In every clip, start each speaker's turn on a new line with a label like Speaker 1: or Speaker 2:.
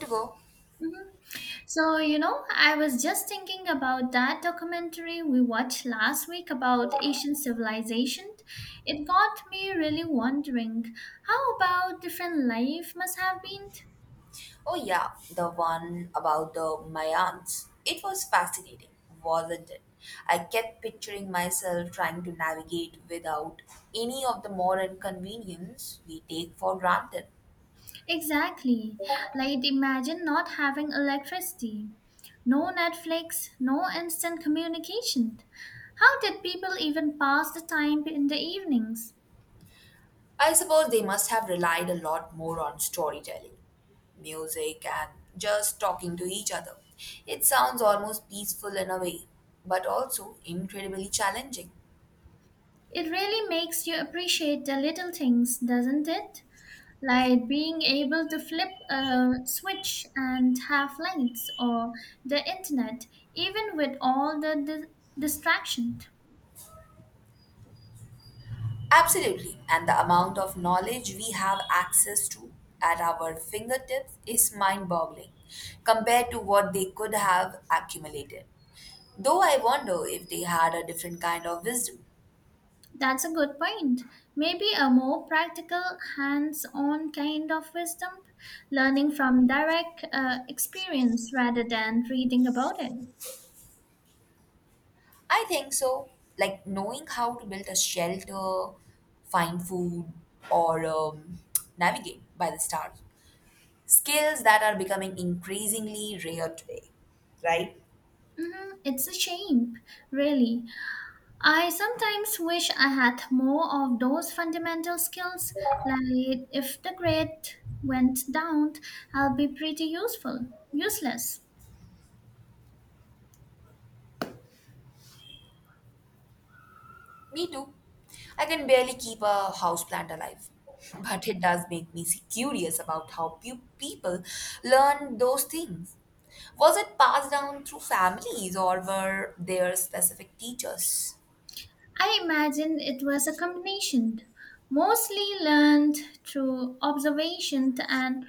Speaker 1: To go.
Speaker 2: I was just thinking about that documentary we watched last week about Asian civilization. It got me really wondering how about different life must have been?
Speaker 1: Oh, yeah, the one about the Mayans. It was fascinating, wasn't it? I kept picturing myself trying to navigate without any of the modern convenience we take for granted.
Speaker 2: Exactly. Like imagine not having electricity, no Netflix, no instant communication. How did people even pass the time in the evenings?
Speaker 1: I suppose they must have relied a lot more on storytelling, music, and just talking to each other. It sounds almost peaceful in a way, but also incredibly challenging.
Speaker 2: It really makes you appreciate the little things, doesn't it? Like being able to flip a switch and have lights or the internet, even with all the distraction.
Speaker 1: Absolutely. And the amount of knowledge we have access to at our fingertips is mind boggling compared to what they could have accumulated. Though I wonder if they had a different kind of wisdom.
Speaker 2: That's a good point. Maybe a more practical, hands on kind of wisdom, learning from direct experience rather than reading about it.
Speaker 1: I think so. Like knowing how to build a shelter, find food, or navigate by the stars. Skills that are becoming increasingly rare today, right?
Speaker 2: It's a shame, really. I sometimes wish I had more of those fundamental skills, like if the grade went down, I'll be pretty useless.
Speaker 1: Me too. I can barely keep a houseplant alive. But it does make me curious about how people learn those things. Was it passed down through families or were there specific teachers?
Speaker 2: I imagine it was a combination, mostly learned through observation and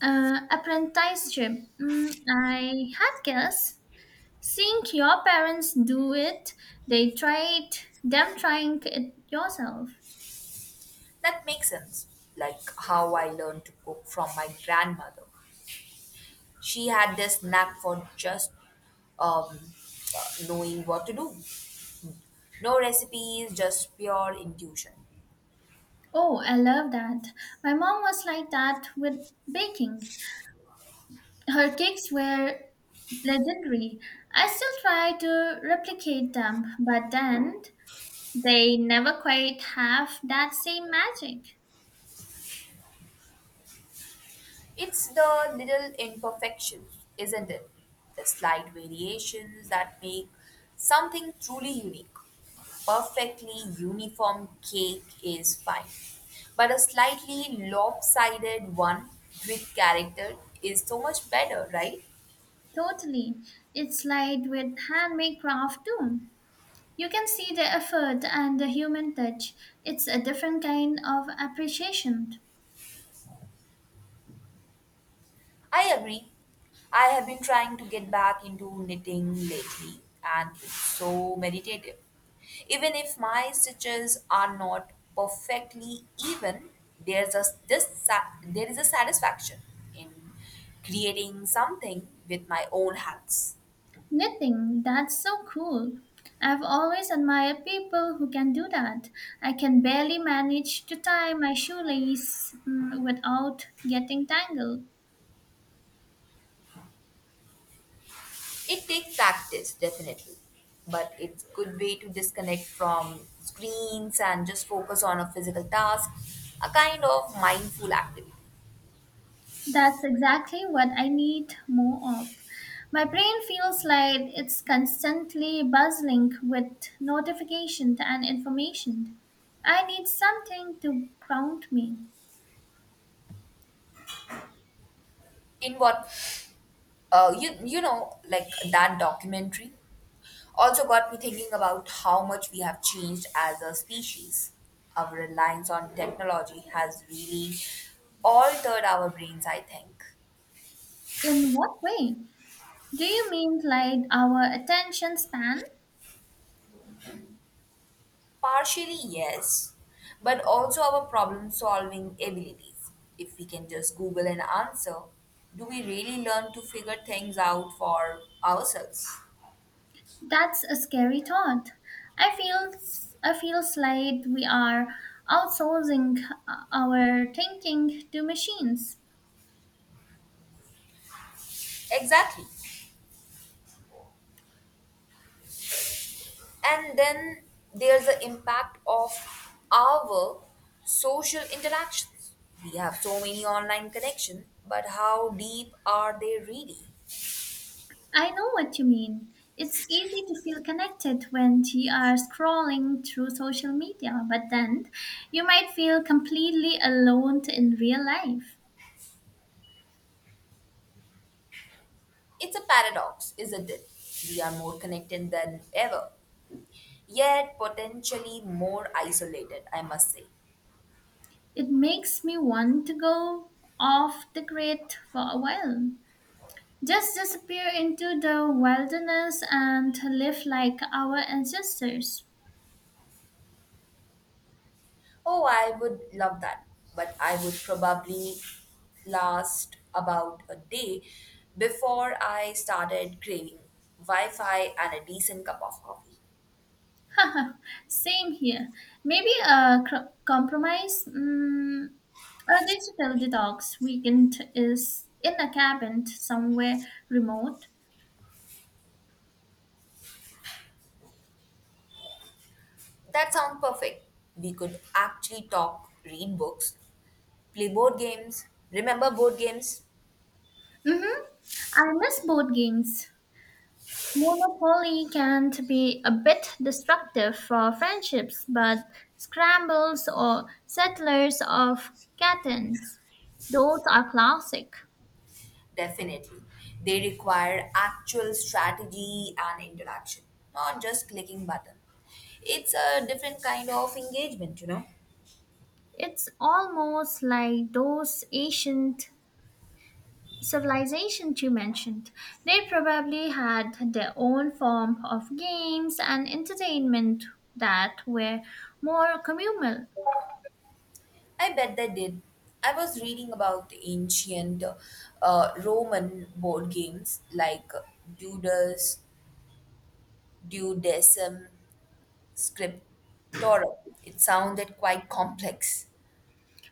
Speaker 2: apprenticeship. Mm, I had guess. Seeing your parents do it, they tried them trying it yourself.
Speaker 1: That makes sense. Like how I learned to cook from my grandmother. She had this knack for just um, knowing what to do. No recipes, just pure intuition.
Speaker 2: Oh, I love that. My mom was like that with baking. Her cakes were legendary. I still try to replicate them, but then they never quite have that same magic.
Speaker 1: It's the little imperfections, isn't it? The slight variations that make something truly unique. A perfectly uniform cake is fine, but a slightly lopsided one with character is so much better, right?
Speaker 2: Totally. It's like with handmade craft too. You can see the effort and the human touch. It's a different kind of appreciation.
Speaker 1: I agree. I have been trying to get back into knitting lately, and it's so meditative. Even if my stitches are not perfectly even, there is a satisfaction in creating something with my own hands.
Speaker 2: Knitting, that's so cool. I've always admired people who can do that. I can barely manage to tie my shoelace without getting tangled.
Speaker 1: It takes practice, definitely, but it's a good way to disconnect from screens and just focus on a physical task, a kind of mindful activity.
Speaker 2: That's exactly what I need more of. My brain feels like it's constantly buzzing with notifications and information. I need something to ground me.
Speaker 1: In what like that documentary also got me thinking about how much we have changed as a species. Our reliance on technology has really altered our brains, I think.
Speaker 2: In what way? Do you mean like our attention span?
Speaker 1: Partially, yes, but also our problem solving abilities. If we can just Google an answer, do we really learn to figure things out for ourselves?
Speaker 2: That's a scary thought. I feel I feel like we are outsourcing our thinking to machines.
Speaker 1: Exactly. And then there's the impact of our social interactions. We have so many online connections, but how deep are they really?
Speaker 2: I know what you mean. It's easy to feel connected when you are scrolling through social media, but then you might feel completely alone in real life.
Speaker 1: It's a paradox, isn't it? We are more connected than ever, yet potentially more isolated, I must say.
Speaker 2: It makes me want to go off the grid for a while. Just disappear into the wilderness and live like our ancestors.
Speaker 1: Oh, I would love that, but I would probably last about a day before I started craving Wi Fi and a decent cup of coffee.
Speaker 2: Same here. Maybe a compromise. A digital detox weekend is in a cabin somewhere remote.
Speaker 1: That sounds perfect. We could actually talk, read books, play board games. Remember board games?
Speaker 2: I miss board games. Monopoly can be a bit destructive for friendships, but scrambles or settlers of Catan, those are classic.
Speaker 1: Definitely. They require actual strategy and interaction, not just clicking button. It's a different kind of engagement, you know.
Speaker 2: It's almost like those ancient civilizations you mentioned. They probably had their own form of games and entertainment that were more communal.
Speaker 1: I bet they did. I was reading about ancient Roman board games like Dudus, Dudecim, Scriptorum. It sounded quite complex.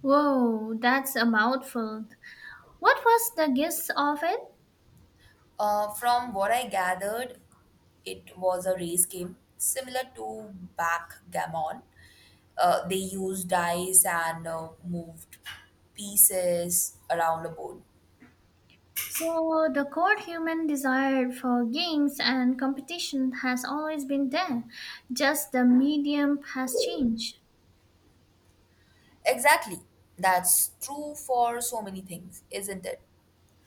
Speaker 2: Whoa, that's a mouthful. What was the gist of it?
Speaker 1: From what I gathered, it was a race game similar to backgammon. They used dice and moved pieces around a board.
Speaker 2: So, the core human desire for games and competition has always been there, just the medium has changed.
Speaker 1: Exactly. That's true for so many things, isn't it?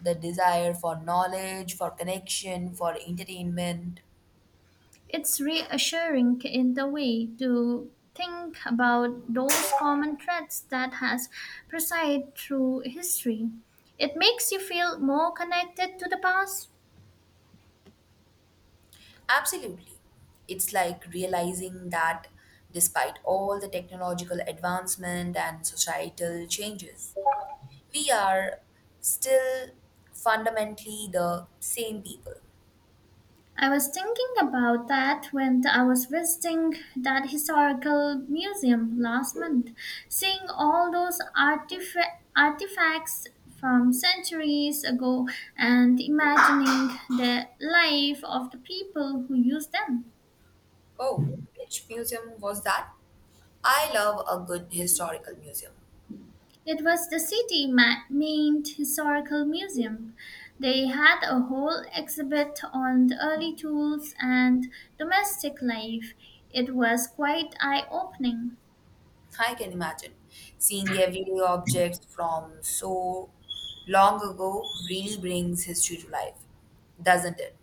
Speaker 1: The desire for knowledge, for connection, for entertainment.
Speaker 2: It's reassuring in the way to think about those common threads that has presided through history. It makes you feel more connected to the past.
Speaker 1: Absolutely. It's like realizing that despite all the technological advancement and societal changes, we are still fundamentally the same people.
Speaker 2: I was thinking about that when I was visiting that historical museum last month, seeing all those artifacts from centuries ago and imagining the life of the people who used them.
Speaker 1: Oh, which museum was that? I love a good historical museum.
Speaker 2: It was the Main Historical Museum. They had a whole exhibit on the early tools and domestic life. It was quite eye opening.
Speaker 1: I can imagine seeing everyday objects from so long ago really brings history to life, doesn't it?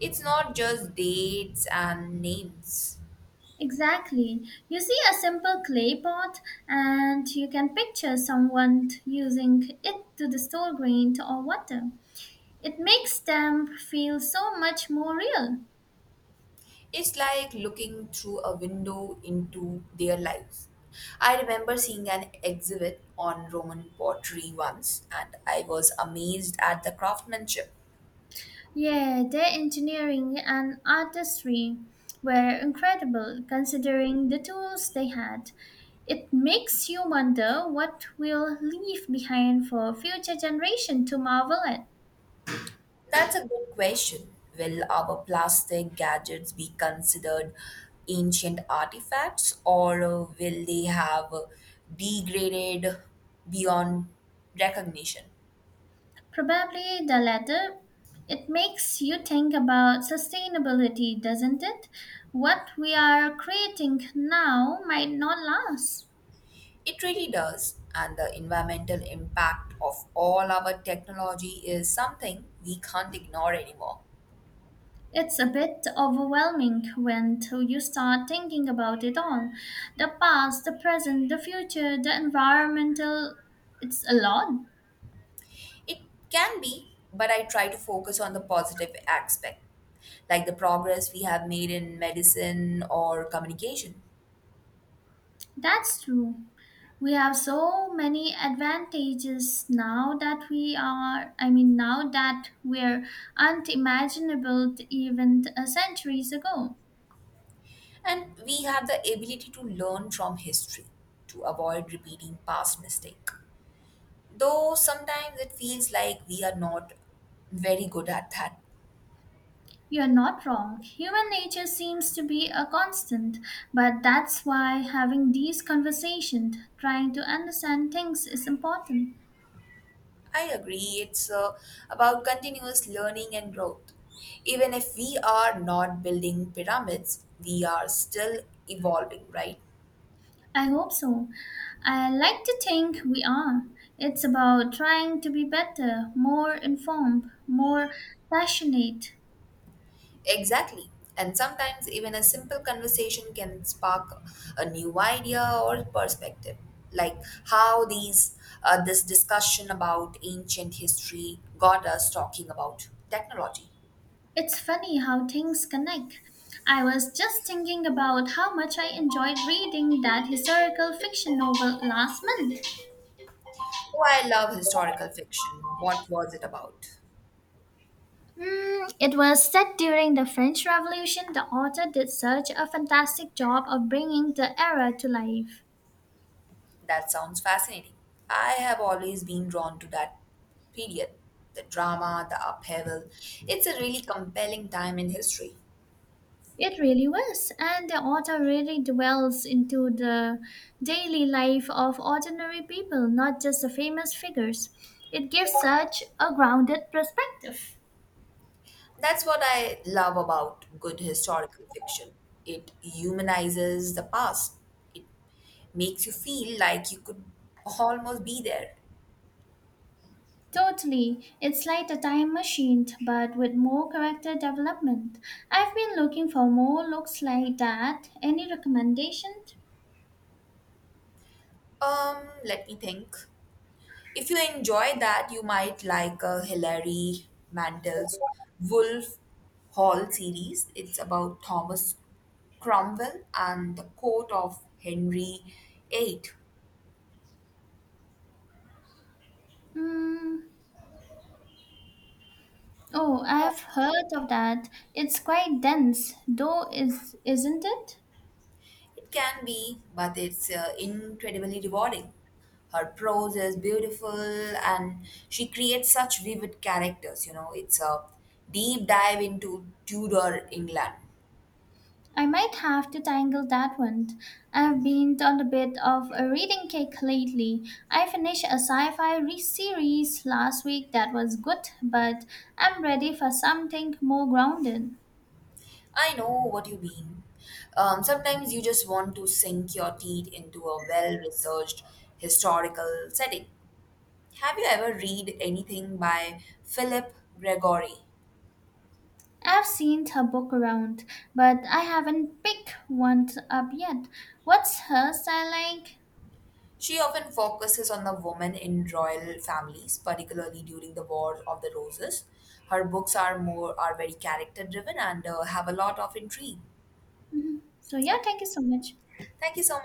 Speaker 1: It's not just dates and names.
Speaker 2: Exactly. You see a simple clay pot and you can picture someone using it to store grain or water. It makes them feel so much more real.
Speaker 1: It's like looking through a window into their lives. I remember seeing an exhibit on Roman pottery once, and I was amazed at the craftsmanship.
Speaker 2: Yeah, their engineering and artistry were incredible considering the tools they had. It makes you wonder what we'll leave behind for future generation to marvel at.
Speaker 1: That's a good question. Will our plastic gadgets be considered ancient artifacts, or will they have degraded beyond recognition?
Speaker 2: Probably the latter. It makes you think about sustainability, doesn't it? What we are creating now might not last.
Speaker 1: It really does. And the environmental impact of all our technology is something we can't ignore anymore.
Speaker 2: It's a bit overwhelming when till you start thinking about it all. The past, the present, the future, the environmental it's a lot.
Speaker 1: It can be, but I try to focus on the positive aspect, like the progress we have made in medicine or communication.
Speaker 2: That's true. We have so many advantages now that we are I mean now that we're unimaginable even centuries ago.
Speaker 1: And we have the ability to learn from history to avoid repeating past mistakes. Though sometimes it feels like we are not very good at that.
Speaker 2: You're not wrong. Human nature seems to be a constant, but that's why having these conversations, trying to understand things, is important.
Speaker 1: I agree. It's about continuous learning and growth. Even if we are not building pyramids, we are still evolving, right?
Speaker 2: I hope so. I like to think we are. It's about trying to be better, more informed, more passionate.
Speaker 1: Exactly. And sometimes even a simple conversation can spark a new idea or perspective, like how these this discussion about ancient history got us talking about technology.
Speaker 2: It's funny how things connect. I was just thinking about how much I enjoyed reading that historical fiction novel last month.
Speaker 1: Oh, I love historical fiction. What was it about?
Speaker 2: Hmm, it was said during the French Revolution. The author did such a fantastic job of bringing the era to life.
Speaker 1: That sounds fascinating. I have always been drawn to that period. The drama, the upheaval. It's a really compelling time in history.
Speaker 2: It really was, and the author really dwells into the daily life of ordinary people, not just the famous figures. It gives such a grounded perspective.
Speaker 1: That's what I love about good historical fiction. It humanizes the past. It makes you feel like you could almost be there.
Speaker 2: Totally. It's like a time machine, but with more character development. I've been looking for more looks like that. Any recommendations?
Speaker 1: Let me think. If you enjoy that, you might like Hilary Mantel's Wolf Hall series. It's about Thomas Cromwell and the court of Henry VIII.
Speaker 2: Hmm. Oh, I've heard of that. It's quite dense, though, is isn't it?
Speaker 1: It can be, but it's incredibly rewarding. Her prose is beautiful and she creates such vivid characters. You know, it's a deep dive into Tudor England.
Speaker 2: I might have to tangle that one. I've been on a bit of a reading kick lately. I finished a sci-fi series last week that was good, but I'm ready for something more grounded.
Speaker 1: I know what you mean. Sometimes you just want to sink your teeth into a well researched historical setting. Have you ever read anything by Philip Gregory?
Speaker 2: I've seen her book around, but I haven't picked one up yet. What's her style like?
Speaker 1: She often focuses on the women in royal families, particularly during the War of the Roses. Her books are very character driven and have a lot of intrigue.
Speaker 2: Mhm. So yeah,
Speaker 1: Okay.
Speaker 2: thank you so much.
Speaker 1: Thank you so much.